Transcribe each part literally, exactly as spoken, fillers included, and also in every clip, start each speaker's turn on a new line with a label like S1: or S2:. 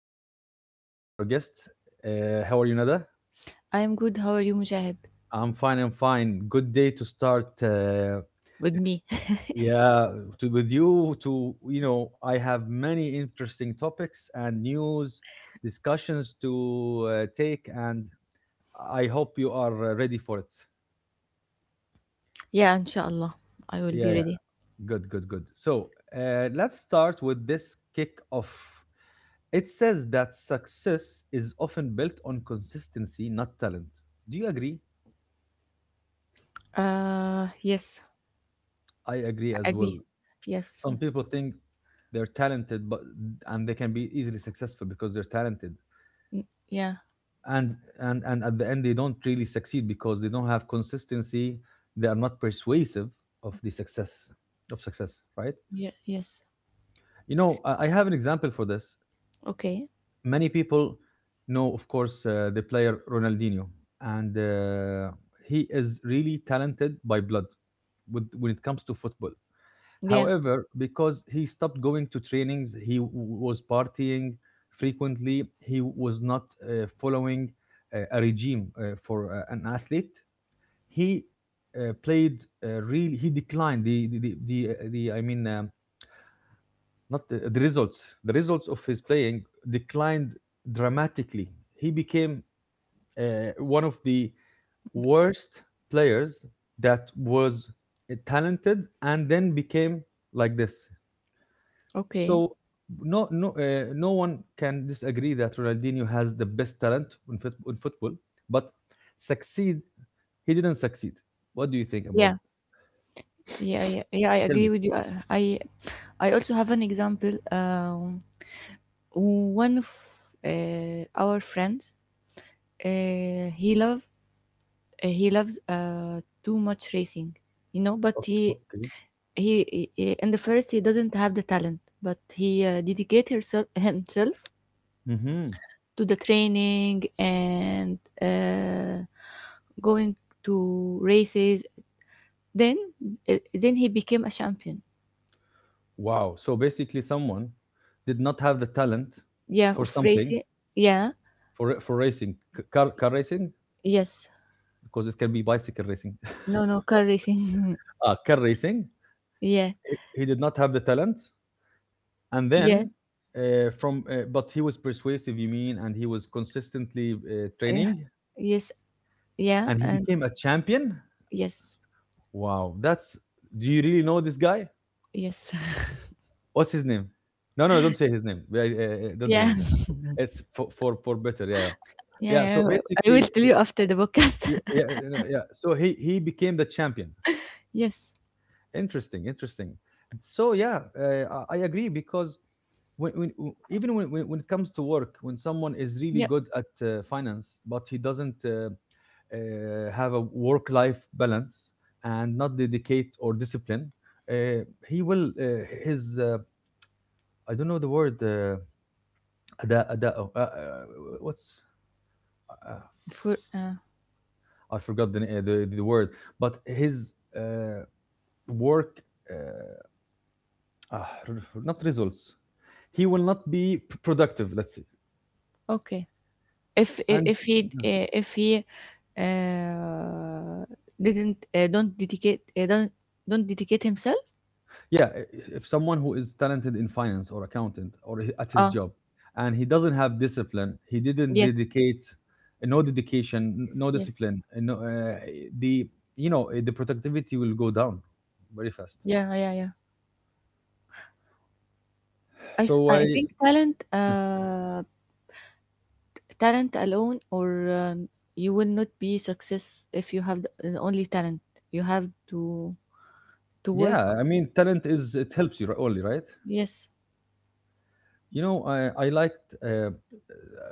S1: have Nada, our guest. Uh, how are you, Nada?
S2: I am good. How are you, Mujahid?
S1: I'm fine. I'm fine. Good day to start. Uh,
S2: With
S1: ex-
S2: me.
S1: yeah, to, with you. To you know, I have many interesting topics and news discussions to uh, take, and I hope you are uh, ready for it.
S2: Yeah, inshallah. I will
S1: Yeah,
S2: be
S1: yeah.
S2: ready.
S1: Good, good, good. So uh, let's start with this kick off. It says that success is often built on consistency, not talent. Do you agree?
S2: Uh, yes,
S1: I agree as
S2: I
S1: well.
S2: agree. Yes,
S1: Some people think they're talented, but and they can be easily successful because they're talented,
S2: yeah,
S1: and and and at the end they don't really succeed because they don't have consistency. They are not persuasive of the success of success, right?
S2: yeah, yes.
S1: You know, I I have an example for this.
S2: Okay.
S1: Many people know, of course, uh, the player Ronaldinho, and uh, he is really talented by blood with, when it comes to football.
S2: Yeah,
S1: However, because he stopped going to trainings, he w- was partying frequently, he was not uh, following uh, a regime uh, for uh, an athlete. He uh, played uh, really, he declined the, the, the, the, uh, the I mean, um, not the, the results, the results of his playing declined dramatically. He became uh, one of the worst players that was uh, talented and then became like this.
S2: okay.
S1: So no no uh, no one can disagree that Ronaldinho has the best talent in, foot in football, but succeed, he didn't succeed. What do you think about?
S2: Yeah, yeah, yeah, yeah. I
S1: Tell me.
S2: agree with you. I, I I also have an example. Um, one of uh, our friends, uh, he love uh, he loves uh, too much racing, you know. But he,
S1: Okay,
S2: he, he in the first he doesn't have the talent, but he uh, dedicate herself, himself
S1: okay.
S2: to the training and uh, going to races. Then, uh, then he became a champion.
S1: Wow. So basically, someone did not have the talent
S2: Yeah,
S1: for
S2: of
S1: something,
S2: racing. Yeah.
S1: for for racing, c- car car racing,
S2: Yes.
S1: because it can be bicycle racing,
S2: No, no, car racing.
S1: uh, car racing.
S2: Yeah.
S1: He he did not have the talent, and
S2: Yes.
S1: then uh, from uh, but he was persuasive. You mean, and he was consistently uh,
S2: Uh,
S1: training,
S2: yes. Yeah.
S1: and he
S2: And
S1: became a champion.
S2: yes.
S1: Wow, that's. Do you really know this guy?
S2: Yes.
S1: What's his name? No, no, don't say his name. Yeah, Uh, uh, don't say
S2: Yeah.
S1: his name. It's for for for better. Yeah.
S2: Yeah,
S1: Yeah, so
S2: yeah, yeah. I will
S1: basically,
S2: tell you after the podcast.
S1: yeah, yeah, yeah. yeah. yeah. So he he became the champion.
S2: Yes.
S1: Interesting, interesting. So yeah, uh, I I agree because when, when w- even when, when when it comes to work, when someone is really
S2: Yep.
S1: good at uh, finance but he doesn't uh, uh, have a work life balance and not dedicate or discipline, uh, he will uh, his uh, I don't know the word uh, ada, ada, oh, uh, uh, what's uh,
S2: For uh,
S1: I forgot the, na- uh, the the word, but his uh, work. eh, uh, Not results. He will not be p- productive, let's say.
S2: Okay. If if,
S1: And
S2: if he
S1: yeah,
S2: uh, if he uh, didn't uh, don't dedicate uh, don't don't dedicate himself.
S1: yeah, i- if someone who is talented in finance or accountant or he- at his
S2: Ah,
S1: job, and he doesn't have discipline, he didn't
S2: yes,
S1: dedicate, no dedication, n- no
S2: yes.
S1: discipline, and no, uh, the, you know uh, the productivity will go down very fast.
S2: Yeah, yeah, yeah. I th-
S1: So
S2: I
S1: I,
S2: think talent uh talent alone or um, you will not be success if you have the, the only talent. You have to to work.
S1: yeah, I mean talent is it helps you ri- only, right?
S2: Yes,
S1: You know, I, I liked uh,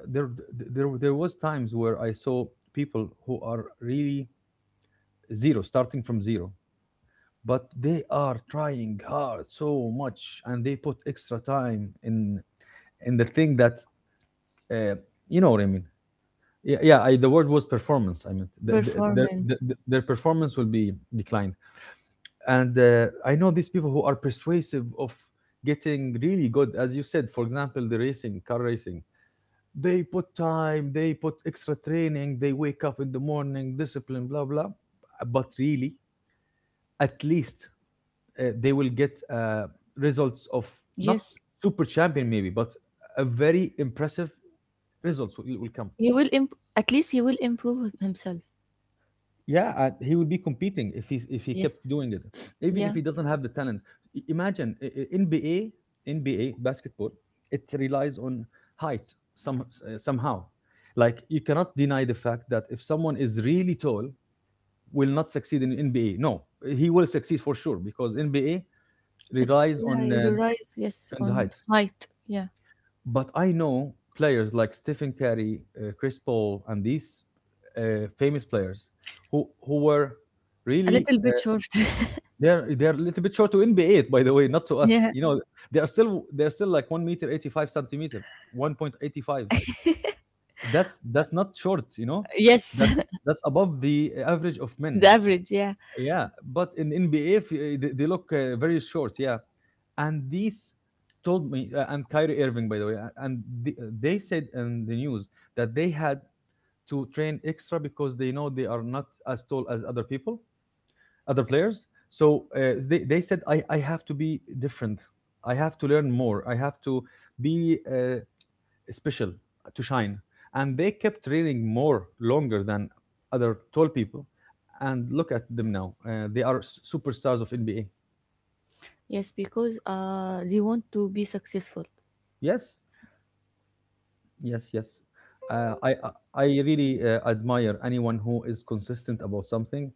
S1: there, there there was times where I saw people who are really zero, starting from zero, but they are trying hard so much, and they put extra time in in the thing that uh, you know what I mean. Yeah, yeah. I, the word was performance. I mean, the, the, their the,
S2: performance.
S1: the- their performance will be declined, and uh, I know these people who are persuasive of getting really good, as you said. For example, the racing, car racing. They put time, they put extra training, they wake up in the morning, discipline, blah, blah. But really, at least uh, they will get uh, results of not
S2: Yes.
S1: super champion, maybe, but a very impressive results will, will come.
S2: He will imp at least he will improve himself.
S1: Yeah, uh, he will be competing if he if he kept
S2: Yes.
S1: doing it, even if
S2: Yeah.
S1: he doesn't have the talent. I- Imagine uh, uh, N B A, N B A basketball, it relies on height some uh, somehow. Like you cannot deny the fact that if someone is really tall, will not succeed in N B A. No, he will succeed for sure because N B A
S2: It
S1: relies
S2: Yeah,
S1: on uh,
S2: you rise, yes,
S1: on the
S2: on
S1: height.
S2: height. Yeah.
S1: But I know players like Stephen Curry, uh, Chris Paul, and these uh, famous players who who were
S2: A
S1: really
S2: little
S1: uh,
S2: bit short.
S1: they're they're a little bit short to N B A. By the way, not to us.
S2: Yeah.
S1: You know, they are still they're still like one meter eighty five centimeter, one point eighty five. That's that's not short. You know,
S2: Yes.
S1: that's that's above the average of
S2: The
S1: men.
S2: average, yeah.
S1: Yeah, but in N B A, if, uh, they, they look uh, very short. Yeah, and these told me uh, and Kyrie Irving, by the way, uh, and the, eh, they said in the news that they had to train extra because they know they are not as tall as other people, other players. So uh, they they said I I have to be different. I have to learn more. I have to be uh, special to shine, and they kept training more longer than other tall people, and look at them now. Uh, they are s- superstars of N B A.
S2: Yes, because uh they want to be successful.
S1: yes yes yes uh, i i I really uh, admire anyone who is consistent about something.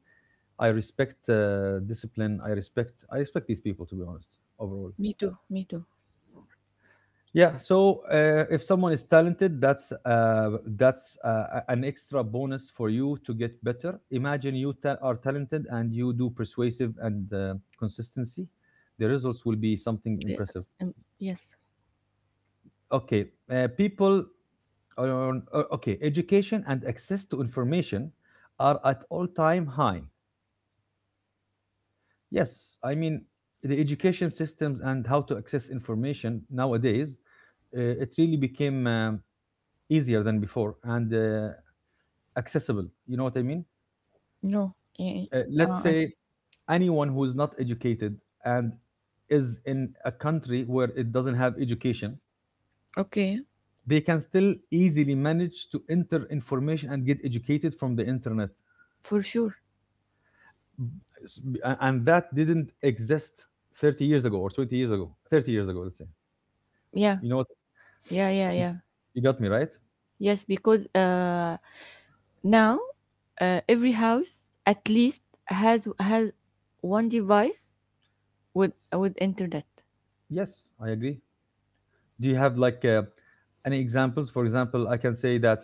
S1: I respect uh, discipline. i respect I respect these people to be honest, overall.
S2: Me too, me too.
S1: Yeah, so uh, if someone is talented, that's uh, that's uh, an extra bonus for you to get better. Imagine you ta- are talented and you do persuasive and uh, consistency. The results will be something
S2: Yeah,
S1: impressive.
S2: um, yes.
S1: Okay, uh, people on uh, okay, education and access to information are at all-time high. Yes, I mean the education systems and how to access information nowadays, uh, it really became um, easier than before and. Uh, accessible. You know what I mean?
S2: No. eh,
S1: Uh, let's
S2: Uh,
S1: say anyone who is not educated and is in a country where it doesn't have education,
S2: I- okay.
S1: they can still easily manage to enter information and get educated from the internet.
S2: For sure.
S1: S- a- And that didn't exist thirty years ago or twenty years ago, thirty years ago, let's say.
S2: Yeah.
S1: You know what?
S2: Yeah, yeah,
S1: You
S2: yeah.
S1: you got me, right?
S2: Yes, because uh now, uh, every house at least has has one device with with internet.
S1: Yes, I agree. Do you have like uh, any examples? For example, I can say that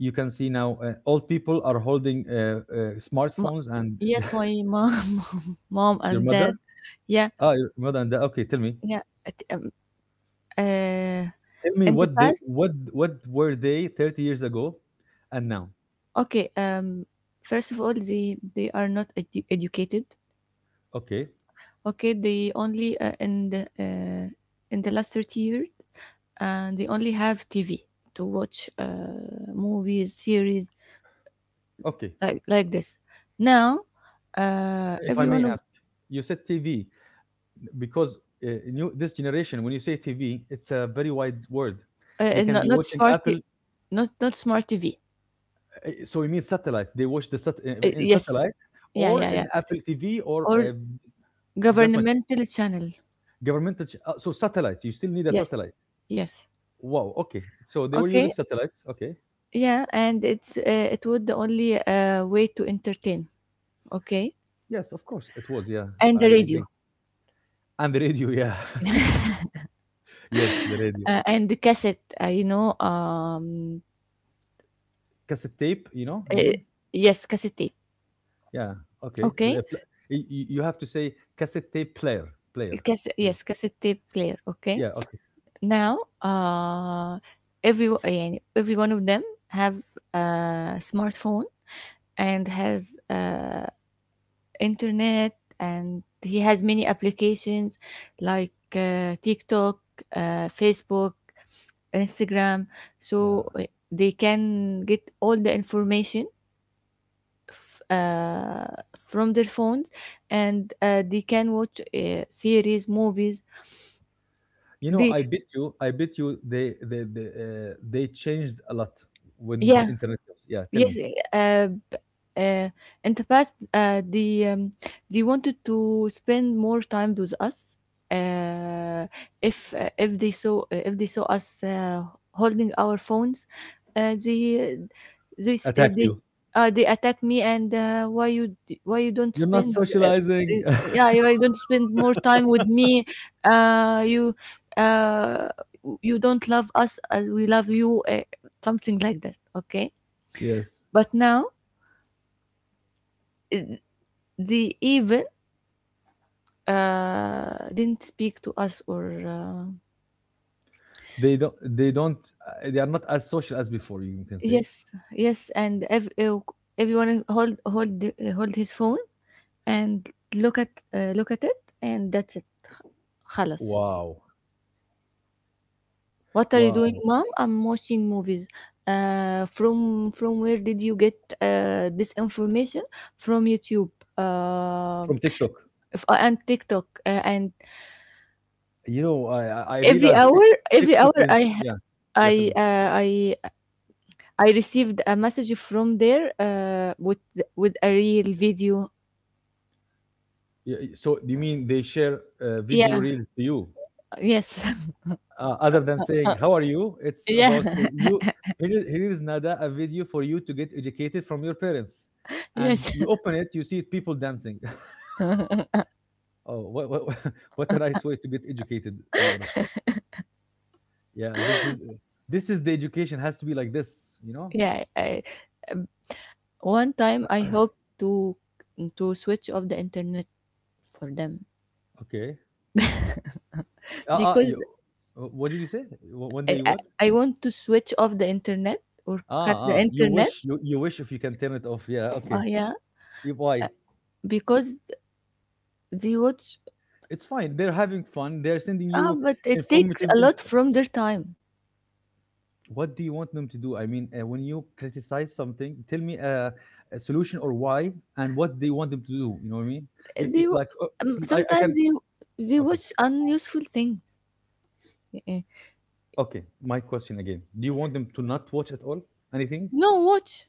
S1: you can see now uh, old people are holding uh, uh,
S2: M-
S1: smartphones and
S2: yes, my mom, mom
S1: your
S2: and
S1: mother,
S2: dad. Yeah,
S1: ah your mother and the, okay, tell me,
S2: yeah. It, um, uh,
S1: tell me
S2: in the
S1: what they,
S2: past,
S1: what what were they thirty years ago and now.
S2: okay. Um, first of all, they they are not edu- educated.
S1: Okay,
S2: Okay, they only uh, in the uh, in the last thirty years, uh, they only have T V to watch uh, movies, series
S1: okay.
S2: like like this. Now, uh,
S1: If I may
S2: everyone of
S1: ask, you said TV, because uh, new this generation, when you say TV it's a very wide word. They
S2: uh,
S1: can
S2: not
S1: be
S2: not
S1: watching
S2: smart,
S1: Apple,
S2: not not smart T V.
S1: uh, so you mean satellite, they watch the sat- uh,
S2: Uh,
S1: in
S2: yes.
S1: satellite,
S2: Yeah,
S1: or
S2: yeah, yeah.
S1: an Apple T V or
S2: Or
S1: a. That's my question.
S2: governmental channel.
S1: Governmental ch- uh, so satellite. You still need a
S2: Yes.
S1: satellite.
S2: Yes.
S1: Wow. Okay. So they were using
S2: Okay.
S1: satellites. Okay.
S2: Yeah, and it's uh, it would the only uh, way to entertain. Okay.
S1: Yes, of course it was. Yeah,
S2: And
S1: I
S2: the
S1: agree.
S2: radio,
S1: And the radio. Yeah. Yes, the radio.
S2: uh, and the cassette, uh, you know, um
S1: Cassette tape. You know. You
S2: uh,
S1: mean?
S2: yes, cassette tape.
S1: Yeah. Okay.
S2: Okay.
S1: The pl- y- y- You have to say cassette tape player. Player.
S2: Cass-
S1: Right.
S2: yes, cassette tape player. Okay.
S1: Yeah. Okay.
S2: Now, uh every, yeah, every one of them have a smartphone and has uh internet and he has many applications like uh, TikTok, uh, Facebook, Instagram. So
S1: Yeah.
S2: uh, they can get all the information uh, from their phones and uh, they can watch uh, series, movies.
S1: You know,
S2: They
S1: I bet you. I bet you. They they they, uh, they changed a lot when
S2: Yeah.
S1: internet comes. Yeah. Tell
S2: Yes,
S1: me.
S2: uh, b- uh, in the past, uh, they um, they wanted to spend more time with us. Uh, if uh, if they saw uh, if they saw us uh, holding our phones, uh, they they s- uh,
S1: Attack
S2: they
S1: you.
S2: uh, they attack me and uh, why you d- why you don't
S1: You're not
S2: spend uh, uh,
S1: socializing.
S2: yeah you- why you don't spend more time with me, uh, you uh, you don't love us as we love you, uh, something like that. Okay.
S1: Yes.
S2: But now they even uh, didn't speak to us or uh,
S1: They don't they don't uh, they are not as social as before, you can say.
S2: yes, yes, and ev- ev- everyone hold hold the- hold his phone and look at uh, look at it and that's it. خلاص.
S1: Wow.
S2: What are you doing,
S1: Wow.
S2: mom? I'm watching movies. Uh, from from where did you get uh, this information? From YouTube. Uh,
S1: From TikTok.
S2: f- and TikTok. Uh, and
S1: You know, i i I
S2: every
S1: realized
S2: hour,
S1: Tik-
S2: every hour
S1: TikTok is,
S2: I
S1: yeah, yeah, tell
S2: I
S1: me.
S2: uh, I I received a message from there, uh, with with a real video.
S1: Yeah, y- so do you mean they share uh, video
S2: Yeah,
S1: reels to you
S2: yes.
S1: uh, other than saying how are you, it's about uh,
S2: Yeah,
S1: you. Here is, here is Nada a video for you to get educated from your parents, and
S2: yes.
S1: you open it you see people dancing. Oh, what, what, what a nice way to get educated, to be honest. Yeah, this is uh, this is the education has to be like this, you know.
S2: Yeah. I, one time I hope to to switch off the internet for them
S1: Okay, uh, uh
S2: because
S1: you, uh, what did you say? Wh- one
S2: I,
S1: day you
S2: I
S1: what?
S2: I want to switch off the internet or
S1: Ah,
S2: cut the
S1: ah, you
S2: internet.
S1: wish, you, you wish if you can turn it off. Yeah,
S2: Oh,
S1: okay.
S2: yeah,
S1: You- why?
S2: because they watch.
S1: It's fine, they're having fun, they're sending
S2: Ah,
S1: you
S2: but it takes
S1: informative
S2: a
S1: in-
S2: lot from their time.
S1: what do you want them to do? I mean, uh, when you criticize something, tell me uh, a solution, or why and what they want them to do, you know what I mean. I-
S2: They
S1: I- like uh,
S2: um,
S1: I, I
S2: Sometimes
S1: can.
S2: they they
S1: Okay,
S2: watch unuseful things. Eh, eh.
S1: okay, my question again, do you want them to not watch at all, anything?
S2: No, watch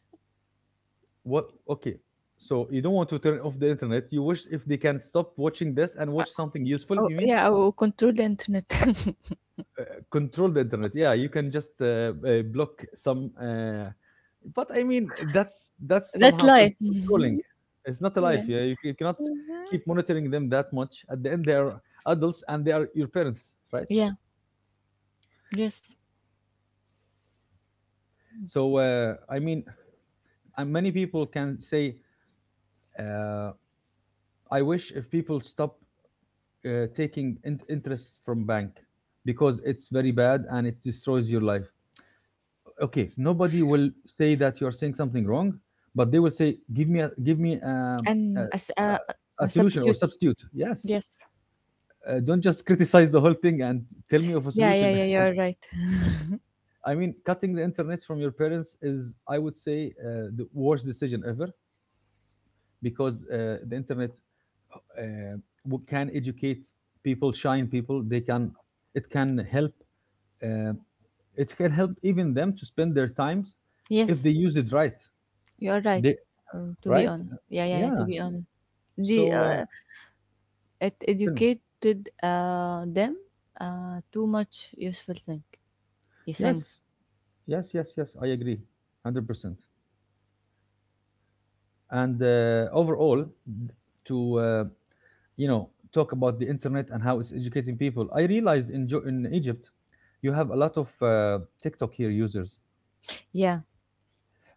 S1: What? Okay. So you don't want to turn off the internet. You wish if they can stop watching this and watch something useful.
S2: Oh,
S1: You mean.
S2: yeah, I will control the internet.
S1: Uh, control the internet? Yeah, you can just uh, uh, block some. Uh, but I mean, that's that's
S2: That's
S1: somehow con-
S2: life.
S1: controlling. It's not a life.
S2: Yeah.
S1: Yeah, you, c- you cannot keep monitoring them that much. At the end, they are adults and they are your parents, right?
S2: Yeah. Yes.
S1: So uh, I mean, and many people can say, uh, "I wish if people stop uh, taking in- interest from bank because it's very bad and it destroys your life. Okay, nobody will say that you're saying something wrong, but they will say, give me a give me um, a,
S2: And as a,
S1: a, a
S2: a
S1: solution or
S2: substitute.
S1: substitute, yes.
S2: Yes.
S1: Uh, don't just criticize the whole thing and tell me of a
S2: Yeah, yeah,
S1: solution."
S2: yeah, you're right.
S1: I mean cutting the internet from your parents is, I would say, uh, the worst decision ever, because uh, the internet uh, w- can educate people, shine people. They can, it can help, uh, it can help even them to spend their times if
S2: Yes,
S1: they use it right.
S2: you're right.
S1: They,
S2: Um, to be
S1: right?
S2: honest. Yeah, yeah, yeah,
S1: Yeah.
S2: to be honest. The
S1: So uh,
S2: uh, It
S1: tell me.
S2: educated uh them uh too much useful thing. Yeah,
S1: Yes,
S2: things.
S1: yes, yes, yes. I agree, hundred percent. And uh, overall, to uh, you know talk about the internet and how it's educating people, I realized in jo- in Egypt, you have a lot of uh, TikTok here users.
S2: Yeah.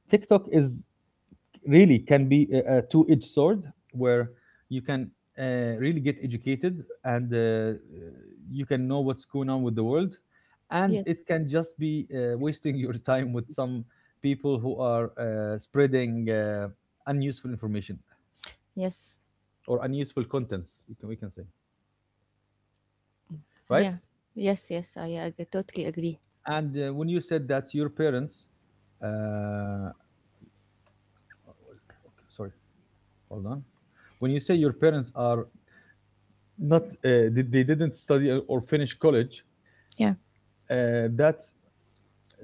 S1: TikTok is really, can be a, a two-edged sword where you can uh, really get educated and uh, you can know what's going on with the world, and
S2: Yes.
S1: it can just be uh, wasting your time with some people who are uh, spreading uh, unuseful information
S2: Yes.
S1: or unuseful contents, you can, we can say, right.
S2: Yeah. Yes, yes, I, I totally agree.
S1: And uh, when you said that your parents uh, sorry, hold on, when you say your parents are not uh, did, they didn't study or finish college,
S2: Yeah.
S1: uh, that,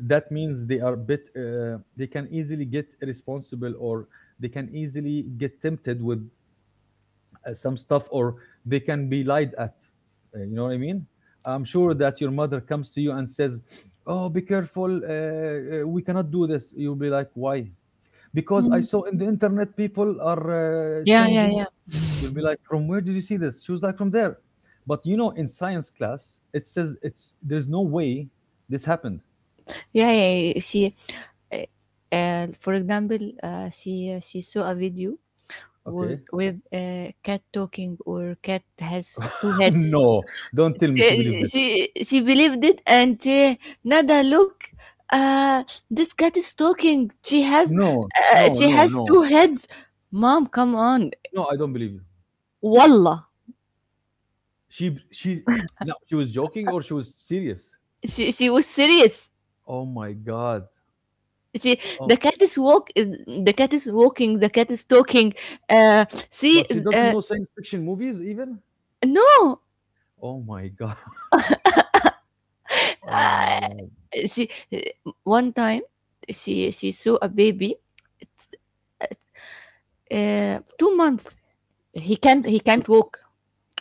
S1: that means they are bit uh, they can easily get responsible, or they can easily get tempted with uh, some stuff, or they can be lied at. Uh, you know what I mean. I'm sure that your mother comes to you and says, oh be careful, uh, uh, we cannot do this. You'll be like, why? Because I
S2: Mhm.
S1: saw in the internet people are uh,
S2: Yeah, yeah,
S1: changing.
S2: yeah.
S1: You'll be like, from where did you see this? She was like, from there. But you know in science class it says it's, there's no way this happened.
S2: Yeah, yeah, yeah. She, uh, uh, for example, uh, she she saw a video
S1: Okay.
S2: was with a cat talking or cat has two heads.
S1: No, don't
S2: Uh,
S1: tell me she believed it.
S2: She she believed it and, uh, Nada, look, uh, this cat is talking. She has
S1: No,
S2: uh,
S1: no,
S2: she
S1: no,
S2: has
S1: no,
S2: two heads. Mom, come on.
S1: no. I don't believe you.
S2: Wallah,
S1: She, she, no, she was joking or she was serious.
S2: she she was serious.
S1: Oh my god.
S2: She
S1: Oh,
S2: the cat is walk The cat is walking. The cat is talking. Uh, see,
S1: but she doesn't
S2: uh,
S1: know science fiction movies even.
S2: no,
S1: Oh my god. Oh my god.
S2: she one time she she saw a baby, uh, two months, he can't
S1: T-
S2: he
S1: t-
S2: can't walk,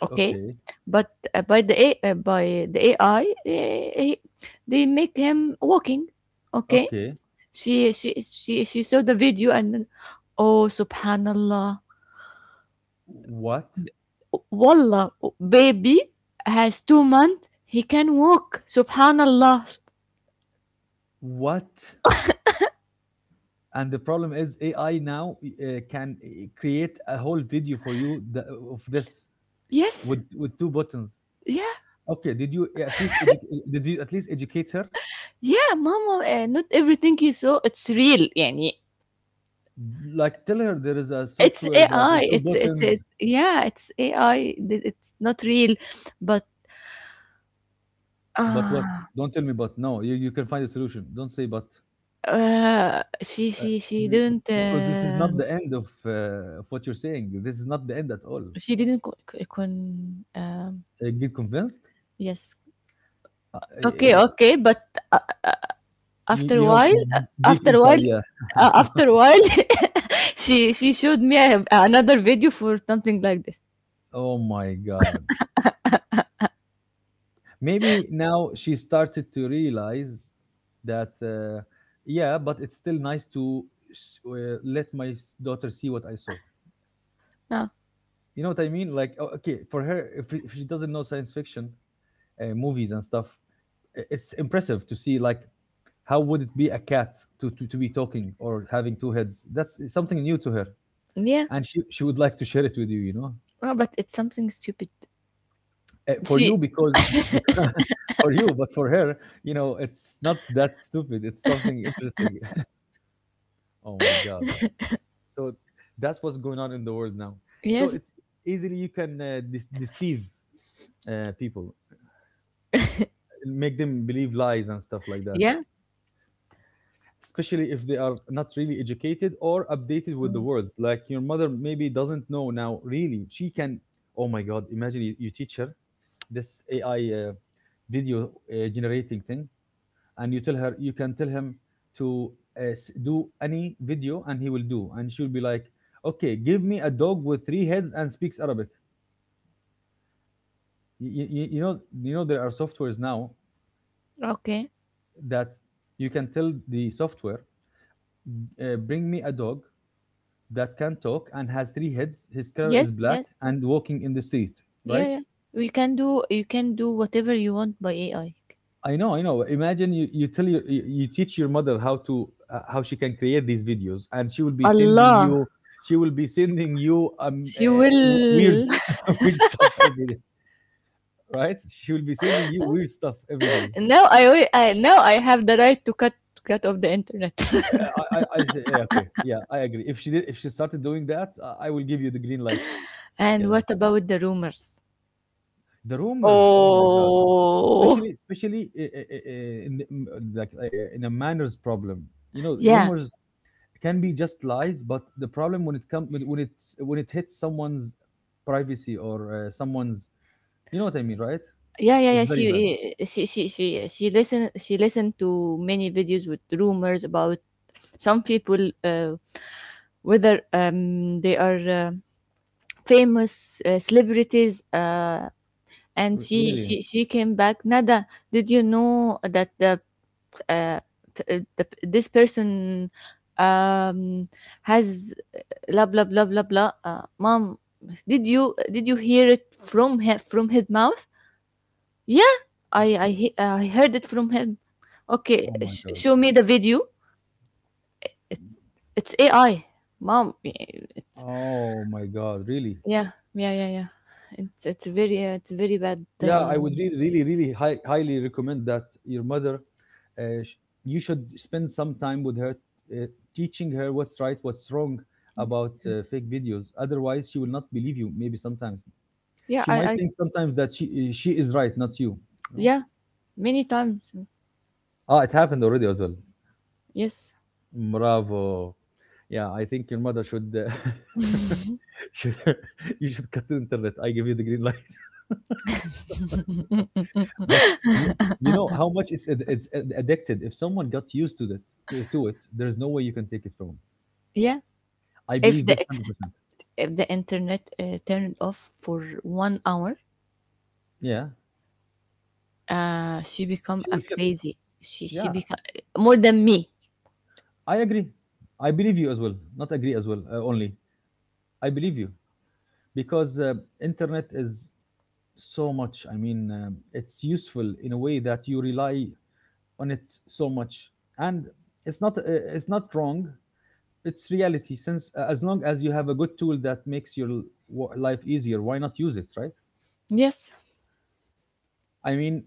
S2: okay,
S1: Okay,
S2: but uh, by the A, uh, by the A I, uh, he, they make him walking. Okay.
S1: okay.
S2: She she she she saw the video and, oh, subhanallah,
S1: What?
S2: wallah, baby has two months he can walk, subhanallah.
S1: What? And the problem is A I now uh, can uh, create a whole video for you th- of this
S2: Yes.
S1: with with two buttons.
S2: Yeah,
S1: Okay, did you at least edu- did you at least educate her?
S2: yeah, mama, uh, not everything you saw it's real يعني.
S1: Like, tell her there is a
S2: It's
S1: software that in
S2: A I.
S1: two
S2: It's it's
S1: buttons.
S2: it. Yeah, it's A I. Th- It's not real, but
S1: But what?
S2: uh,
S1: Don't tell me "but." No, you you can find a solution. Don't say "but."
S2: uh she
S1: Uh,
S2: she she
S1: b
S2: didn't
S1: because this is
S2: uh,
S1: not the end of, uh, of what you're saying. This is not the end at all.
S2: she didn't co- co- con um
S1: Uh, get convinced?
S2: yes,
S1: Uh,
S2: okay,
S1: y yeah.
S2: okay, but uh,
S1: You
S2: after a
S1: you know,
S2: while,
S1: d deep
S2: after a
S1: inside,
S2: while
S1: yeah.
S2: uh, after a while, she she showed me a, another video for something like this.
S1: Oh my god. Maybe now she started to realize that, uh, yeah, but it's still nice to s uh, let my s daughter see what I saw.
S2: Uh,
S1: You know what I mean? Like, o- okay, for her, if, if she doesn't know science fiction uh, movies and stuff, i- it's impressive to see like, how would it be a cat to, to, to be talking or having two heads? That's something new to her,
S2: yeah,
S1: and she, she would like to share it with you. You know,
S2: uh, but it's something stupid.
S1: uh, for you
S2: She
S1: because, because for you, but for her, you know, it's not that stupid. It's something interesting. Oh my god! So that's what's going on in the world now. So
S2: Yes.
S1: it's easily you can uh, de- deceive uh, people, make them believe lies and stuff like that,
S2: Yeah.
S1: especially if they are not really educated or updated with the world. Like your mother maybe doesn't know now, really she can, oh my god, imagine you, you teach her this AI uh, video uh, generating thing, and you tell her, you can tell him to uh, s- do any video and he will do, and she'll be like, okay give me a dog with three heads and speaks arabic. You, you, you know, you know there are softwares now
S2: Okay.
S1: that you can tell the software, uh, bring me a dog that can talk and has three heads. His color is
S2: Yes,
S1: black
S2: yes.
S1: and walking in the street, right?
S2: Yeah, yeah. You can do you can do whatever you want by A I.
S1: I know, I know. Imagine you, you tell you, you you teach your mother how to uh, how she can create these videos, and she will be sending
S2: Allah.
S1: you, she will be sending you um
S2: She
S1: uh, w- weird
S2: will.
S1: weird stuff every day, right? She will be sending you weird stuff every day.
S2: Now, I, will- I now I have the right to cut cut off the internet.
S1: I I, I say yeah, okay, yeah, I agree. If she did, if she started doing that, I I will give you the green light.
S2: And
S1: Yeah.
S2: what about the rumors?
S1: The rumors, oh my God.
S2: Oh.
S1: Especially, especially i- i- i- i- in, the- m- like uh, in a manners problem. You know,
S2: Yeah,
S1: rumors can be just lies, but the problem when it comes, when when it, when it hits someone's privacy or uh, someone's, you know what I mean, right?
S2: yeah, yeah,
S1: It's
S2: yeah. She
S1: very bad.
S2: eh, she she she she listen she listened to many videos with rumors about some people, uh, whether um they are uh, famous uh, celebrities. Uh, and
S1: R-
S2: she
S1: really.
S2: she she came back. Nada, did you know that the uh, p- uh, the, this person um has, uh, blah blah blah blah blah, uh, mom, did you did you hear it from him, from his mouth? Yeah. i
S1: Oh
S2: i, he- uh, I heard it from him. Okay,
S1: oh my
S2: sh-
S1: God.
S2: show me the video. It's A I, mom. It's
S1: Oh my God. Really.
S2: Yeah, yeah, yeah, yeah. It's it's very, uh, it's very bad.
S1: Yeah, I would
S2: Um,
S1: really, really, really high, highly recommend that your mother, uh, sh- you should spend some time with her, uh, teaching her what's right, what's wrong about uh, fake videos. Otherwise, she will not believe you. Maybe sometimes
S2: yeah.
S1: she might
S2: I I
S1: think sometimes that she she is right, not you. You know?
S2: Yeah, many times.
S1: Ah, it happened already as well.
S2: Yes.
S1: Bravo. Yeah, I think your mother should, uh, should you should cut the internet. I give you the green light. But you you know how much it's ad- it's ad- addicted. If someone got used to that, to, to it, there's no way you can take it from 'em.
S2: Yeah.
S1: I
S2: If
S1: believe
S2: the
S1: this one hundred percent.
S2: if the internet uh, turned off for one hour,
S1: Yeah,
S2: uh, she become
S1: she
S2: a
S1: will flip.
S2: crazy. She she
S1: Yeah,
S2: become uh, more than me.
S1: I agree. I believe you as well. Not agree as well. Uh, only I believe you because uh, internet is so much. I mean, um, it's useful in a way that you rely on it so much, and it's not uh, it's not wrong. It's reality. Since uh, as long as you have a good tool that makes your l- wo- life easier, why not use it, right?
S2: Yes.
S1: I mean,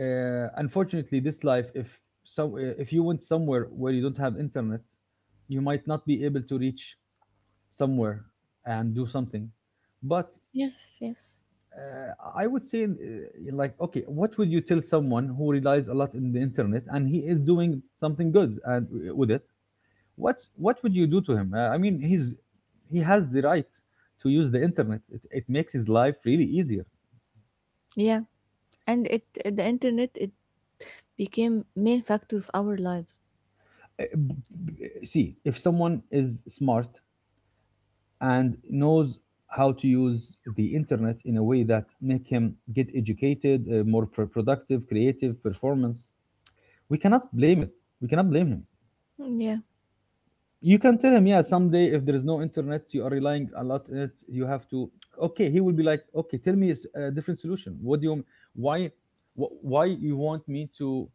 S1: uh, unfortunately, this life, if so, if you went somewhere where you don't have internet, you might not be able to reach somewhere and do something. But
S2: Yes. Yes.
S1: uh, I would say, uh, like, okay, what would you tell someone who relies a lot on the internet and he is doing something good and uh, with it? What what would you do to him? Uh, I mean, he's he has the right to use the internet. It, it makes his life really easier.
S2: Yeah. And it the internet it became main factor of our life.
S1: Uh, b- b- See, if someone is smart and knows how to use the internet in a way that make him get educated, uh, more pro- productive, creative performance, we cannot blame it, we cannot blame him.
S2: Yeah.
S1: You can tell him, yeah, someday if there is no internet, you are relying a lot on it, you have to, okay, he will be like, okay tell me a s- a different solution. What do you, why, wh- why you want me to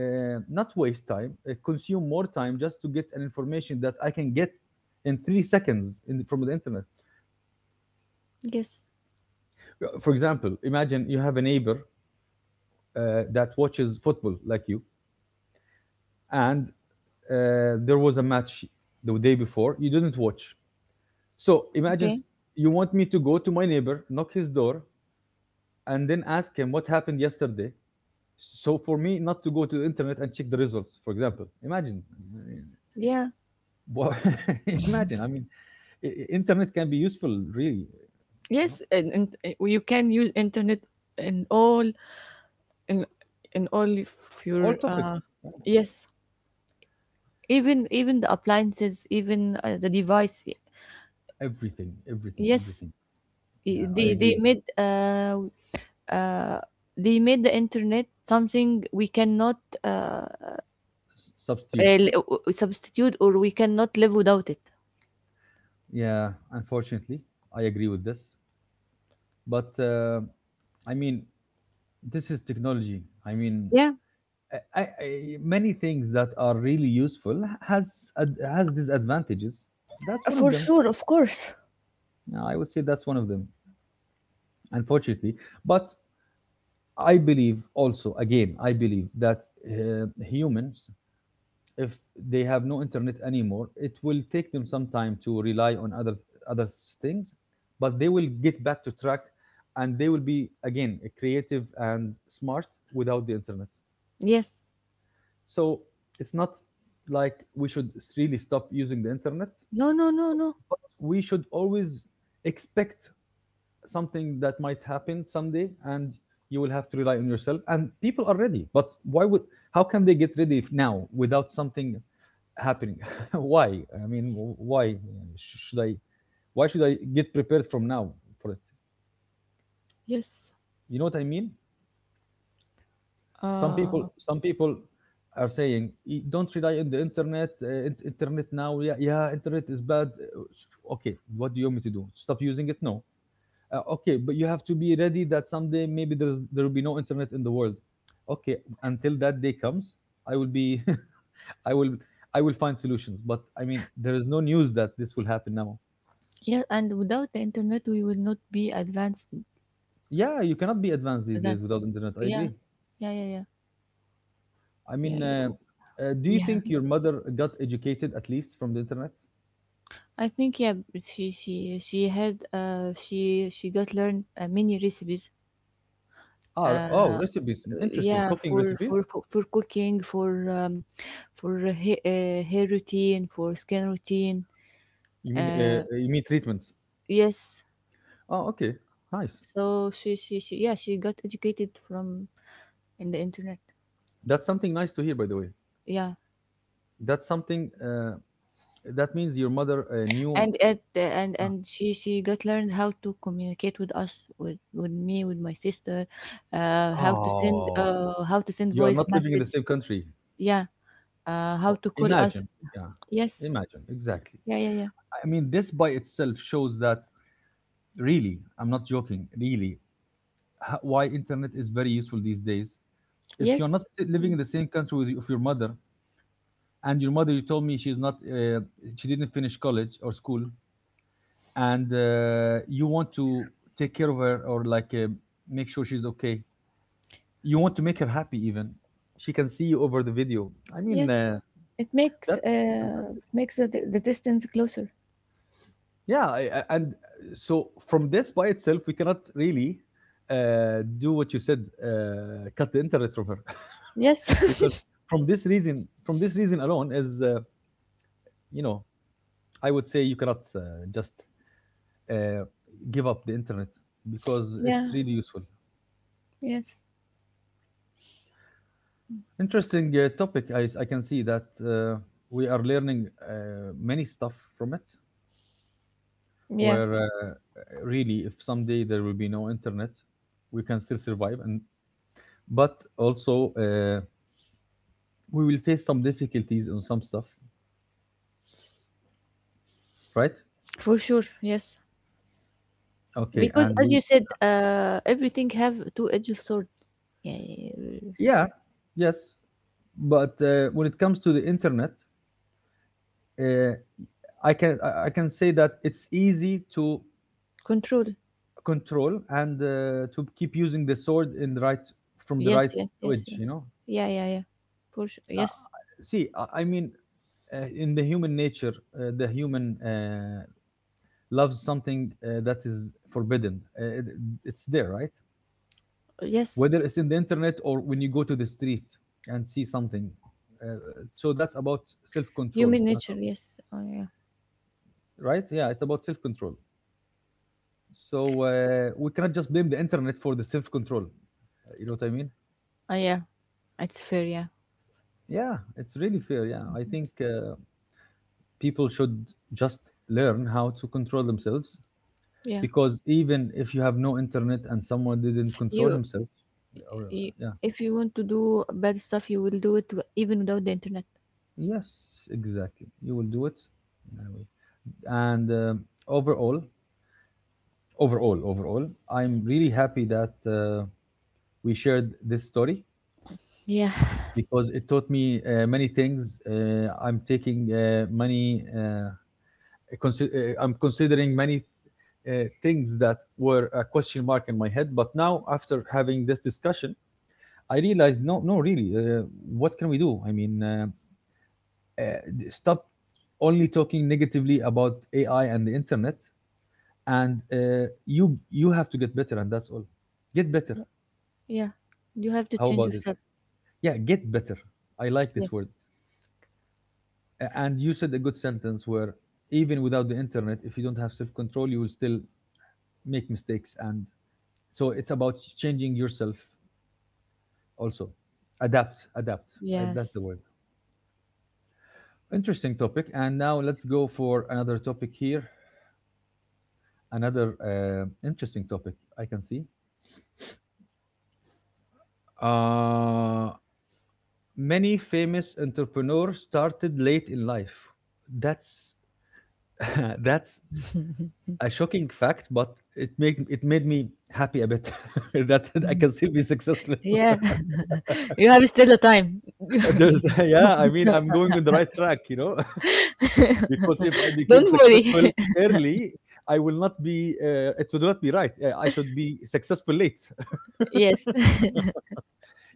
S1: uh, not waste time, uh, consume more time just to get an information that I can get in three seconds in, from the internet.
S2: Yes.
S1: For example, imagine you have a neighbor uh, that watches football like you, and uh, there was a match the day before you didn't watch. So imagine
S2: Okay.
S1: you want me to go to my neighbor, knock his door, and then ask him what happened yesterday. So for me not to go to the internet and check the results, for example, imagine.
S2: Yeah.
S1: Well, imagine. I mean, i- internet can be useful, really. You know,
S2: Yes. And, and uh, you can use internet in all in in all of
S1: all
S2: your,
S1: topics,
S2: uh, yes. Even even the appliances, even, uh, the device.
S1: everything, everything,
S2: Yes.
S1: everything.
S2: i-
S1: Yeah, I
S2: they they
S1: agree.
S2: made uh, uh, they made the internet something we cannot, uh,
S1: S- Substitute.
S2: uh, substitute or we cannot live without it.
S1: Yeah, unfortunately, I agree with this. But uh, I mean, this is technology. I mean,
S2: Yeah.
S1: I, I, I- many things that are really useful has ad- has disadvantages. That's one of
S2: For
S1: them.
S2: sure, of course.
S1: Yeah, I would say that's one of them, unfortunately. But I believe also, again, I believe that uh, humans, if they have no internet anymore, it will take them some time to rely on other other things, but they will get back to track, and they will be again creative and smart without the internet.
S2: Yes.
S1: So it's not like we should really stop using the internet.
S2: No. No. No. No.
S1: We should always expect something that might happen someday, and you will have to rely on yourself, and people are ready. But why would how can they get ready if now without something happening? why i mean why should i why should i get prepared from now for it?
S2: Yes.
S1: You know what I mean? some people
S2: Uh,
S1: some people are saying, "Y- Don't rely on the internet, uh, in- internet now. Yeah, yeah, internet is bad. Uh, okay, what do you want me to do? Stop using it? No. Uh, okay, but you have to be ready that someday maybe there's there will be no internet in the world. Okay, until that day comes, I will be, I will, I will find solutions. But I mean, there is no news that this will happen now."
S2: Yeah. And without the internet, we will not be advanced.
S1: Yeah, you cannot be advanced these days
S2: Advanced.
S1: without internet. I
S2: Yeah.
S1: agree.
S2: Yeah. Yeah. Yeah.
S1: I
S2: Yeah,
S1: mean,
S2: yeah.
S1: uh, uh, do
S2: We
S1: you
S2: have.
S1: think your mother got educated at least from the internet?
S2: I think yeah. But She she she had uh she she got learned, uh, many recipes,
S1: Ah, re- oh, recipes. Interesting.
S2: yeah,
S1: Cooking
S2: for
S1: recipes.
S2: for co- for cooking, for um, for ha- uh, hair routine, for skin routine.
S1: You mean uh, uh, you mean treatments?
S2: Yes.
S1: Oh, okay. Nice.
S2: So she she she yeah she got educated from, in the internet.
S1: That's something nice to hear, by the way.
S2: Yeah.
S1: That's something uh, That means your mother uh, knew.
S2: and at and
S1: uh,
S2: and she she got learned how to communicate with us, with with me, with my sister. Uh how to send,
S1: Oh,
S2: uh how to send
S1: you are
S2: voice
S1: not living in the
S2: message.
S1: same country.
S2: Yeah. Uh how
S1: Oh,
S2: to call
S1: imagine.
S2: us.
S1: Yeah,
S2: Yes.
S1: imagine. Exactly.
S2: Yeah, yeah, yeah.
S1: I mean, this by itself shows that, really, I'm not joking, really, h- why internet is very useful these days. If you're not
S2: Yes.
S1: si- living in the same country with y- of your mother, and your mother, you told me she's not, uh, she didn't finish college or school, and uh, you want to take care of her, or like uh, make sure she's okay. You want to make her happy, even. She can see you over the video. I mean,
S2: Yes,
S1: uh,
S2: it makes,
S1: that's
S2: uh,
S1: fantastic.
S2: makes the the distance closer.
S1: Yeah, I- I- and uh, so from this by itself, we cannot really uh, do what you said, uh, cut the internet from her,
S2: Yes.
S1: because from this reason, from this reason alone, is uh, you know, I would say you cannot uh, just uh, give up the internet, because it's
S2: Yeah.
S1: really useful.
S2: Yes.
S1: Interesting uh, topic. I, I can see that uh, we are learning uh, many stuff from it.
S2: Yeah.
S1: Where, uh, really, if someday there will be no internet, we can still survive, and but also uh, we will face some difficulties on some stuff, right?
S2: For sure. Yes.
S1: Okay,
S2: Because
S1: and
S2: as you
S1: we,
S2: said, uh, everything have two edge of sword. Yeah, yeah, yeah.
S1: yeah, yes, but uh, when it comes to the internet, uh, i can i I can say that it's easy to
S2: Control.
S1: control, and uh, to keep using the sword in the right from the right
S2: Yes, yes, yes,
S1: edge
S2: yes.
S1: you know
S2: Yeah, yeah, yeah. For sure.
S1: uh,
S2: Yes,
S1: see i I mean, uh, in the human nature, uh, the human uh, loves something, uh, that is forbidden. Uh, it, it's there, right?
S2: yes.
S1: Whether it's in the internet or when you go to the street and see something. Uh, so that's about self control,
S2: Human
S1: not,
S2: nature. Yes. Oh, yeah.
S1: right? Yeah, it's about self control. So uh, we cannot just blame the internet for the self control. You know what I mean?
S2: Oh, yeah. It's fair. Yeah.
S1: Yeah, it's really fair. Yeah, I think, uh, people should just learn how to control themselves,
S2: Yeah.
S1: because even if you have no internet and someone didn't control
S2: You,
S1: himself, or,
S2: you.
S1: yeah.
S2: If you want to do bad stuff, you will do it even without the internet.
S1: Yes, exactly. You will do it anyway. And uh, overall, overall, overall, I'm really happy that uh, we shared this story,
S2: Yeah.
S1: because it taught me uh, many things. Uh, I'm taking uh, many. Uh, consi- uh, I'm considering many uh, things that were a question mark in my head. But now, after having this discussion, I realized no, no, really, uh, what can we do? I mean. Uh, uh, Stop only talking negatively about A I and the internet, and uh, you you have to get better, and that's all. Get better.
S2: Yeah, you have to
S1: How
S2: change
S1: about it?
S2: yourself.
S1: Yeah, get better. I like this word.
S2: Yes.
S1: A- And you said a good sentence, where even without the internet, if you don't have self control, you will still make mistakes. And so it's about changing yourself also. Adapt, adapt. I, that's the
S2: Yes.
S1: word. Interesting topic. And now let's go for another topic here. Another uh, interesting topic, I can see. Uh, Many famous entrepreneurs started late in life. That's, that's a shocking fact, but it made it made me happy a bit, that I can still be successful.
S2: Yeah, you have still the time.
S1: There's yeah, I mean, I'm going on the right track, you know, Because if I
S2: Don't
S1: became
S2: worry.
S1: successful early, I will not be. Uh, it would not be right. Uh, I should be successful late.
S2: Yes.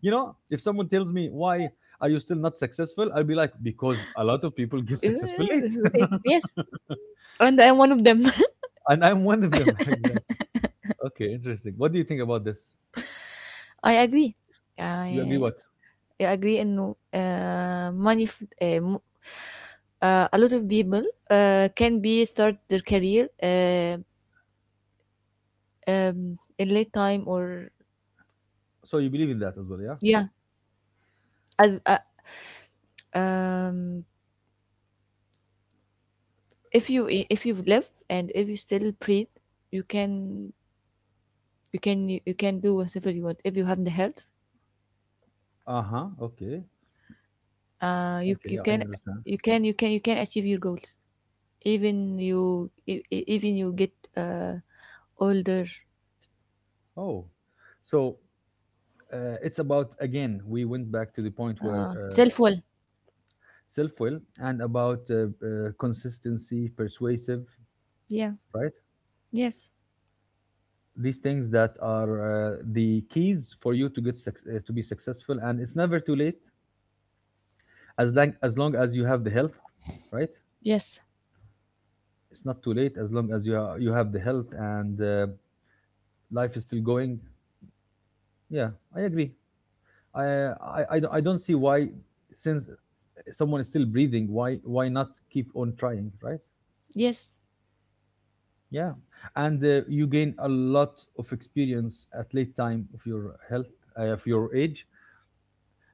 S1: You know, if someone tells me, why are you still not successful, I'll be like, because a lot of people get successful late.
S2: Yes. And I'm one of them.
S1: And I'm one of them. Exactly. Okay, interesting. What do you think about this?
S2: I agree.
S1: You agree
S2: I,
S1: what?
S2: I agree انه uh, money f- uh, m- uh, a lot of people uh, can be start their career, uh, um, in late time or
S1: So you believe in that as well, yeah?
S2: yeah, as uh, um, if you if you've lived and if you still breathe, you can you can you can do whatever you want if you have the health.
S1: Uh-huh. Okay.
S2: uh you
S1: Okay,
S2: you
S1: I
S2: can
S1: understand.
S2: you can you can you can achieve your goals, even you e- e- even you get uh older.
S1: Oh. So uh, it's about, again, we went back to the point where uh,
S2: Self well.
S1: self-will, and about uh, uh, consistency, persuasive,
S2: Yeah.
S1: right?
S2: Yes,
S1: These things that are, uh, the keys for you to get suc- uh, to be successful, and it's never too late, as long as long as you have the health, right?
S2: yes,
S1: It's not too late as long as you ha- you have the health, and uh, life is still going. Yeah, I agree. I i i, don't- I don't see why, since someone is still breathing, why why not keep on trying, right?
S2: yes.
S1: Yeah. And uh, you gain a lot of experience at late time of your health uh, of your age,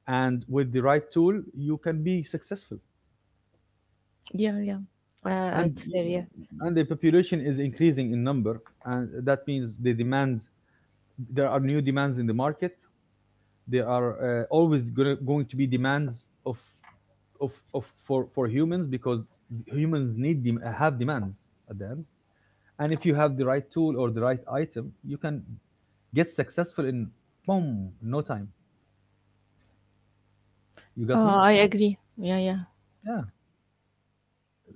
S1: and with the right tool you can be successful.
S2: Yeah, yeah. Uh
S1: and
S2: it's fair. Yes.
S1: and the population is increasing in number, and that means the demand, there are new demands in the market, there are uh, always gonna, going to be demands of of, of for, for humans, because humans need them have demands at the end. And if you have the right tool or the right item, you can get successful in, boom, no time. You got
S2: uh,
S1: me?
S2: I agree. Yeah, yeah.
S1: Yeah.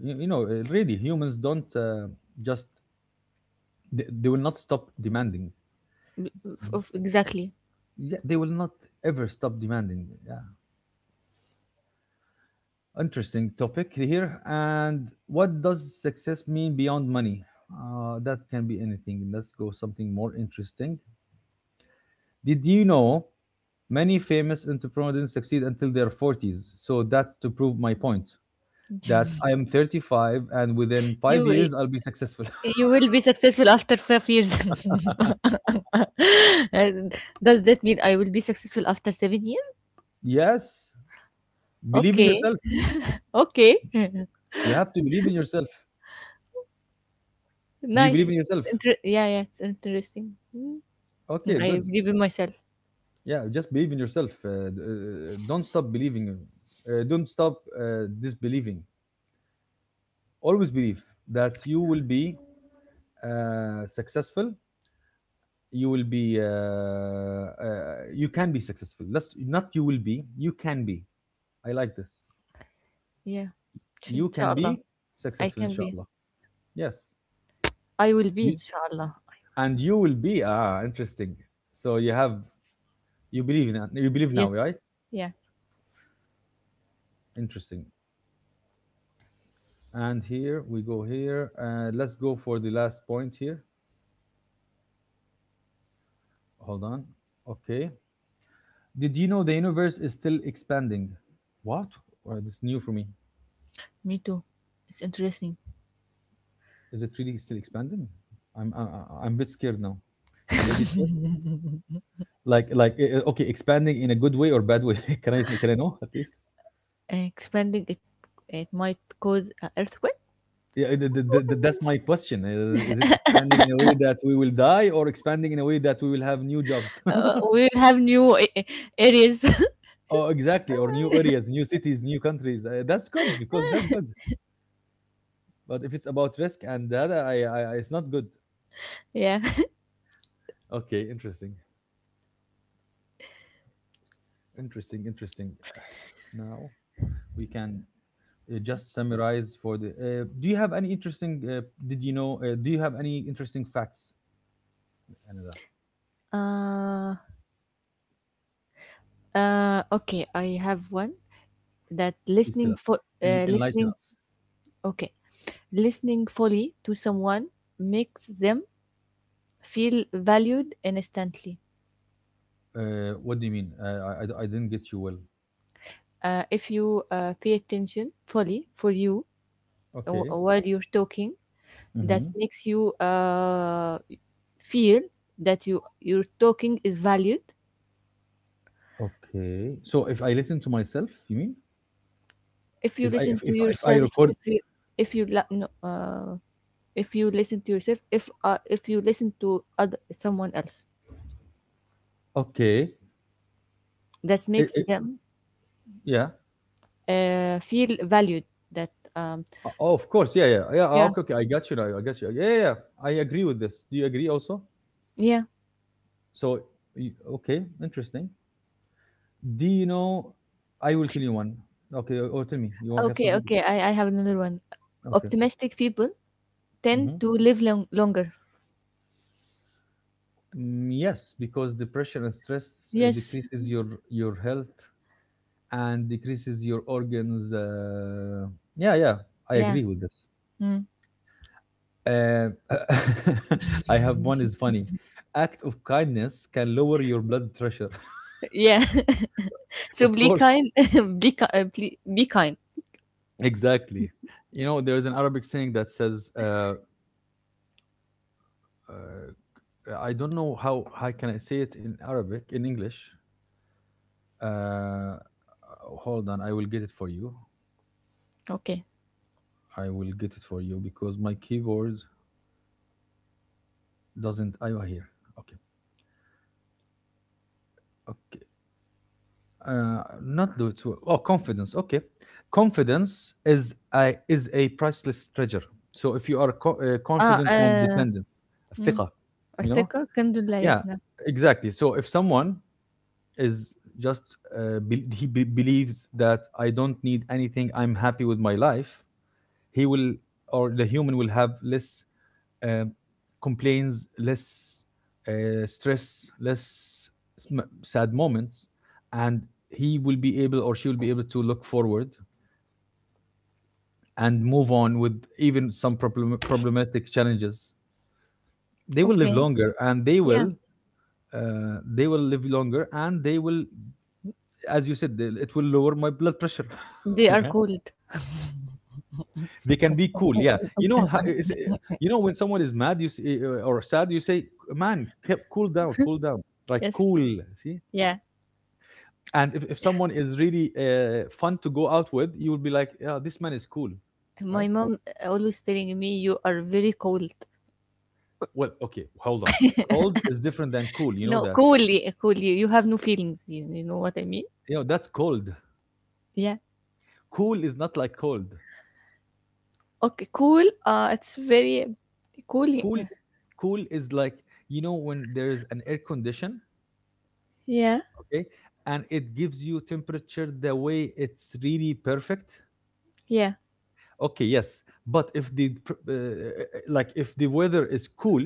S1: you, you know uh, Really, humans don't, uh, just, they, they will not stop demanding.
S2: F- of, exactly.
S1: Yeah, they will not ever stop demanding. Yeah. Interesting topic here. And what does success mean beyond money? Uh, that can be anything. Let's go something more interesting. Did you know, many famous entrepreneurs didn't succeed until their forties? So that's to prove my point that I am thirty-five, and within
S2: you
S1: five
S2: will-
S1: years I'll be successful.
S2: you will be successful after five years. And does that mean I will be successful after seven years?
S1: yes, believe in
S2: Okay.
S1: yourself.
S2: Okay.
S1: You have to believe in yourself. Do you believe in
S2: Nice.
S1: yourself?
S2: Inter- yeah, yeah, it's interesting. Mm,
S1: Okay,
S2: I
S1: good.
S2: believe in myself.
S1: Yeah, just believe in yourself. Uh, d- uh, don't stop believing. Uh, don't stop uh, disbelieving. Always believe that you will be uh, successful. You will be. Uh, uh, you can be successful. Let's not you will be. You can be I like this.
S2: Yeah. Sh-
S1: You can
S2: Inshallah.
S1: be
S2: I
S1: successful,
S2: can be.
S1: inshallah. Yes.
S2: I will be,
S1: You-
S2: inshallah.
S1: And you will be ah interesting. So you have you believe in that you believe now, right?
S2: Yes. Yeah.
S1: Interesting. And here we go here. Uh, let's go for the last point here. Hold on. Okay. Did you know the universe is still expanding? What? Well, this is new for me.
S2: Me too. It's interesting.
S1: Is it really still expanding? I'm I, I- I'm a bit scared now. Should I be scared? Like like eh, eh, okay, expanding in a good way or bad way? can I can I know at least?
S2: And expanding it, it might cause an earthquake.
S1: Yeah, th- th- th- th- that's my question. Is, is it expanding in a way that we will die, or expanding in a way that we will have new jobs?
S2: Uh, we'll have new a- areas.
S1: oh, exactly, or new areas, new cities, new countries. Uh, that's good because that's good. But if it's about risk and data, I, I, I- it's not good.
S2: Yeah.
S1: Okay, interesting, interesting, interesting. Now we can uh, just summarize for the. Uh, do you have any interesting? Uh, did you know? Uh, do you have any interesting facts, Anada?
S2: Uh, uh, okay. I have one that
S1: Please tell
S2: listening
S1: us.
S2: for
S1: En-
S2: uh,
S1: enlighten
S2: listening.
S1: us.
S2: Okay, listening fully to someone makes them feel valued instantly.
S1: Uh, what do you mean? Uh, I, I, I didn't get you well.
S2: Uh, if you uh, pay attention fully for you, w-
S1: Okay.
S2: while you're talking, that
S1: hmm
S2: makes you uh, feel that you your talking is valued.
S1: Okay. So if I listen to myself, you mean?
S2: If you
S1: If I
S2: listen
S1: if
S2: to
S1: if, if I
S2: yourself,
S1: record,
S2: if you if you la- no, uh, if you listen to yourself, if uh, if you listen to other someone else,
S1: okay.
S2: that
S1: It,
S2: makes
S1: it,
S2: them
S1: yeah.
S2: uh, feel valued. That um,
S1: Uh, Oh, of course. Yeah, yeah, yeah. ah,
S2: Yeah,
S1: Okay, okay. I got you now. I got you. Yeah, yeah. yeah. I agree with this. Do you agree also?
S2: yeah.
S1: So, y- okay, interesting. Do you know? I will tell you one. Okay, or or tell me. You have
S2: Okay,
S1: something?
S2: okay. I, I have another one.
S1: Okay.
S2: Optimistic people tend
S1: Mm-hmm.
S2: to live long, longer.
S1: Yes, because depression and stress uh,
S2: Yes.
S1: decreases your your health and decreases your organs. Uh, yeah, yeah, I
S2: Yeah.
S1: agree with this.
S2: Mm.
S1: Uh, I have one is funny. Act of kindness can lower your blood pressure.
S2: Yeah. So,
S1: Of
S2: be
S1: course.
S2: kind. Be, ki- uh, ple- be kind.
S1: Exactly. You know, there is an Arabic saying that says, uh, uh, I don't know how, how can I say it in Arabic, in English. Uh, hold on, I will get it for you.
S2: Okay.
S1: I will get it for you because my keyboard doesn't. I here. Okay. Okay. uh, not do it well. Oh, confidence. Okay, confidence is a is a priceless treasure. So if you are co- uh,
S2: Ah.
S1: confident and
S2: Uh,
S1: dependent,
S2: mm.
S1: ثقة, you know,
S2: أصدقاء كانوا لا
S1: yeah,
S2: يفنى.
S1: exactly. So if someone is just uh, be- he be- believes that I don't need anything, I'm happy with my life, he will, or the human will have less um, complains, less uh, stress, less sm- sad moments, and he will be able, or she will be able, to look forward and move on with even some problem- problematic challenges. They will live
S2: Okay.
S1: longer, and they
S2: Yeah.
S1: will. Uh, they will live longer, and they will, as you said, they- it will lower my blood pressure.
S2: They are
S1: Yeah,
S2: cold.
S1: they can be cool. Yeah, you know how it's, uh, you know, when someone is mad you say, or sad, you say, man, c- cool down, cool down, like
S2: Yes.
S1: cool, see?
S2: Yeah.
S1: And if, if someone is really uh, fun to go out with, you will be like, yeah, this man is cool.
S2: My
S1: Right,
S2: mom always telling me you are very cold.
S1: well, okay, hold on. Cold is different than cool, you
S2: No,
S1: know that.
S2: coolly, coolly. You you have no feelings. You, you know what I mean?
S1: You know that's cold.
S2: Yeah.
S1: Cool is not like cold.
S2: Okay. Cool. Uh, it's very cool.
S1: Cool.
S2: Yeah.
S1: Cool is like, you know, when there is an air condition,
S2: Yeah.
S1: okay, and it gives you temperature the way it's really perfect.
S2: Yeah.
S1: Okay, yes. But if the pr- uh, like if the weather is cool,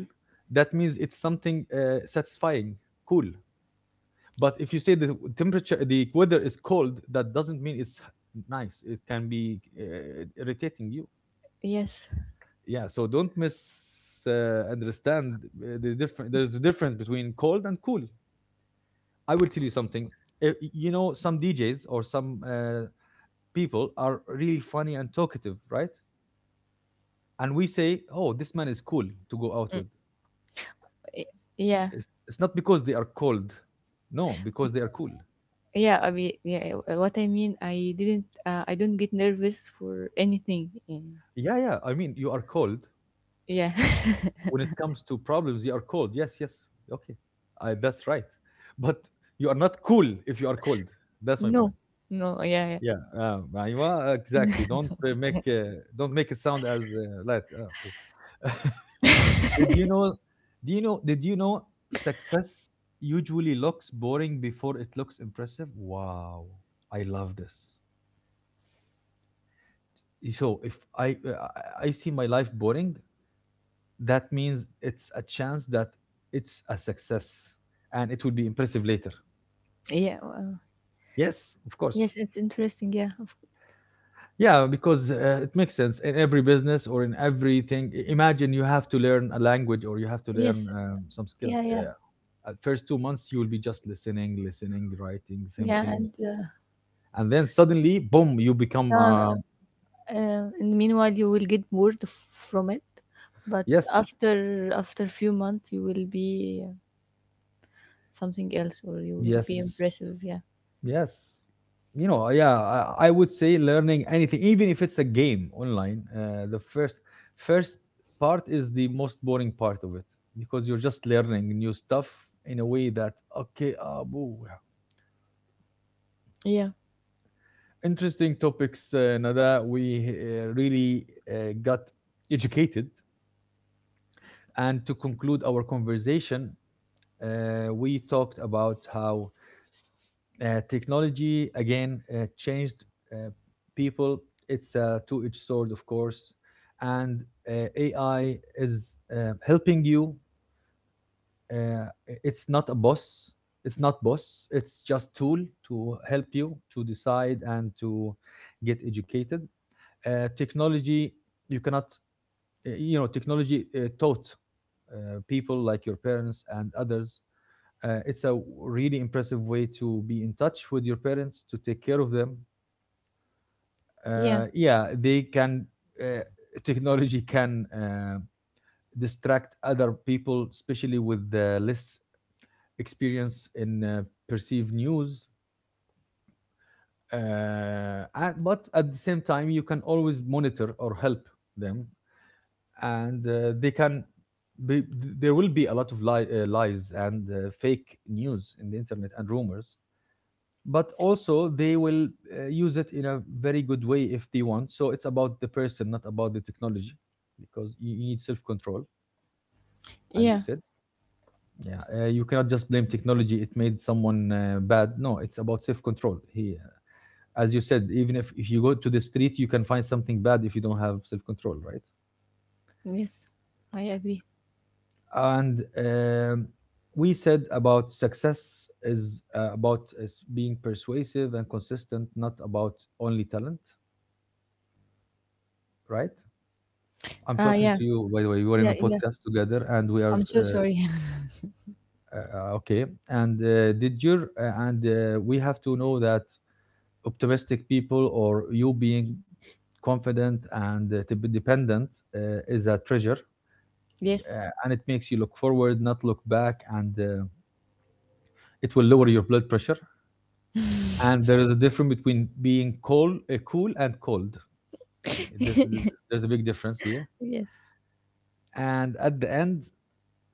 S1: that means it's something uh, satisfying. Cool. But if you say the temperature, the weather is cold, that doesn't mean it's nice. It can be uh, irritating you.
S2: Yes.
S1: Yeah. So don't miss uh, understand uh, the different. There's a difference between cold and cool. I will tell you something. Uh, You know, some D Js or some uh, people are really funny and talkative, right? And we say, "Oh, this man is cool to go out with."
S2: Yeah.
S1: It's, it's not because they are cold. No, because they are cool.
S2: Yeah. I mean, yeah. uh, What I mean, I didn't. Uh, I don't get nervous for anything. Yeah.
S1: Yeah, yeah. I mean, you are cold.
S2: Yeah.
S1: When it comes to problems, you are cold. Yes, yes, okay, I, that's right. But you are not cool if you are cold. That's my point.
S2: No. No. Yeah, yeah,
S1: Yeah, um, أيوة, exactly. Don't uh, make uh, don't make it sound as uh, light. Uh, okay. did you know? Do you know? Did you know? Success usually looks boring before it looks impressive. Wow, I love this. So if I uh, I, I see my life boring, that means it's a chance that it's a success and it will be impressive later.
S2: yeah. Uh,
S1: Yes, of course.
S2: yes. It's interesting. Yeah. Of,
S1: Yeah, because uh, it makes sense in every business or in everything. I- imagine you have to learn a language, or you have to learn
S2: yes.
S1: um, some
S2: Yeah.
S1: skills.
S2: Yeah.
S1: Yeah. At first two months you will be just listening, listening, writing, same
S2: Yeah.
S1: thing,
S2: And uh,
S1: and then suddenly boom, you become uh,
S2: uh, and meanwhile, you will get bored f- from it, but
S1: yes,
S2: after after few months, you will be, uh, something else, or you will be
S1: yes.
S2: impressive. Yeah.
S1: Yes. You know, uh, yeah, I, I would say learning anything, even if it's a game online, uh, the first first part is the most boring part of it, because you're just learning new stuff in a way that okay, uh, boo. Yeah.
S2: Yeah.
S1: Interesting topics, uh, Nada. We uh, really uh, got educated. And to conclude our conversation, uh, we talked about how Uh, technology, again, uh, changed uh, people. It's a two-edged sword, of course, and uh, A I is uh, helping you. Uh, it's not a boss. It's not boss. It's just tool to help you to decide and to get educated. Uh, technology, you cannot uh, you know, technology uh, taught uh, people like your parents and others. Uh, it's a really impressive way to be in touch with your parents, to take care of them.
S2: Yeah.
S1: Uh, yeah, they can uh, technology can uh, distract other people, especially with the less experience in uh, perceived news. Uh, and, but at the same time, you can always monitor or help them, and uh, they can be, there will be a lot of li- uh, lies and uh, fake news in the internet and rumors, but also they will uh, use it in a very good way if they want. So it's about the person, not about the technology, because you, you need self-control, as we
S2: Yeah.
S1: said. Yeah. Uh, you cannot just blame technology it made someone uh, bad. No, it's about self-control. He uh, as you said, even if, if you go to the street you can find something bad if you don't have self-control, right?
S2: Yes. I agree.
S1: And um, we said about success is uh, about is being persuasive and consistent, not about only talent, right? I'm
S2: Ah,
S1: talking
S2: yeah.
S1: to you, by the way. We were in a
S2: Yeah. Yeah.
S1: podcast together, and we are
S2: I'm so
S1: uh,
S2: sorry.
S1: uh, okay. And uh, did your uh, and uh, we have to know that optimistic people, or you being confident and uh, to be dependent uh, is a treasure,
S2: Yes,
S1: uh, and it makes you look forward, not look back, and uh, it will lower your blood pressure. And there is a difference between being cool, uh, cool, and cold. There's, there's a big difference here.
S2: yes.
S1: And at the end,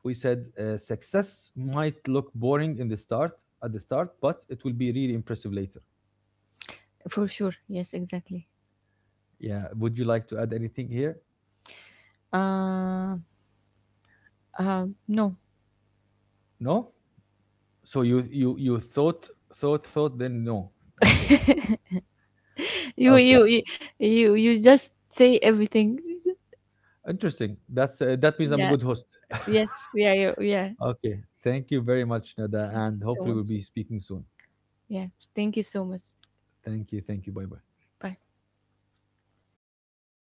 S1: we said uh, success might look boring in the start, at the start but it will be really impressive later.
S2: For sure. Yes, exactly.
S1: Yeah, would you like to add anything here?
S2: Uh, uh, no.
S1: No. So you you you thought, thought thought, then no, okay.
S2: You
S1: Okay,
S2: you you you you just say everything.
S1: interesting. That's uh, that means I'm a
S2: Yeah.
S1: good host.
S2: Yes. Yeah. Yeah, yeah.
S1: Okay, thank you very much, Nada,
S2: Thank
S1: and
S2: you so
S1: hopefully
S2: much.
S1: we'll be speaking soon.
S2: Yeah, thank you so much.
S1: Thank you thank you, bye bye
S2: Bye.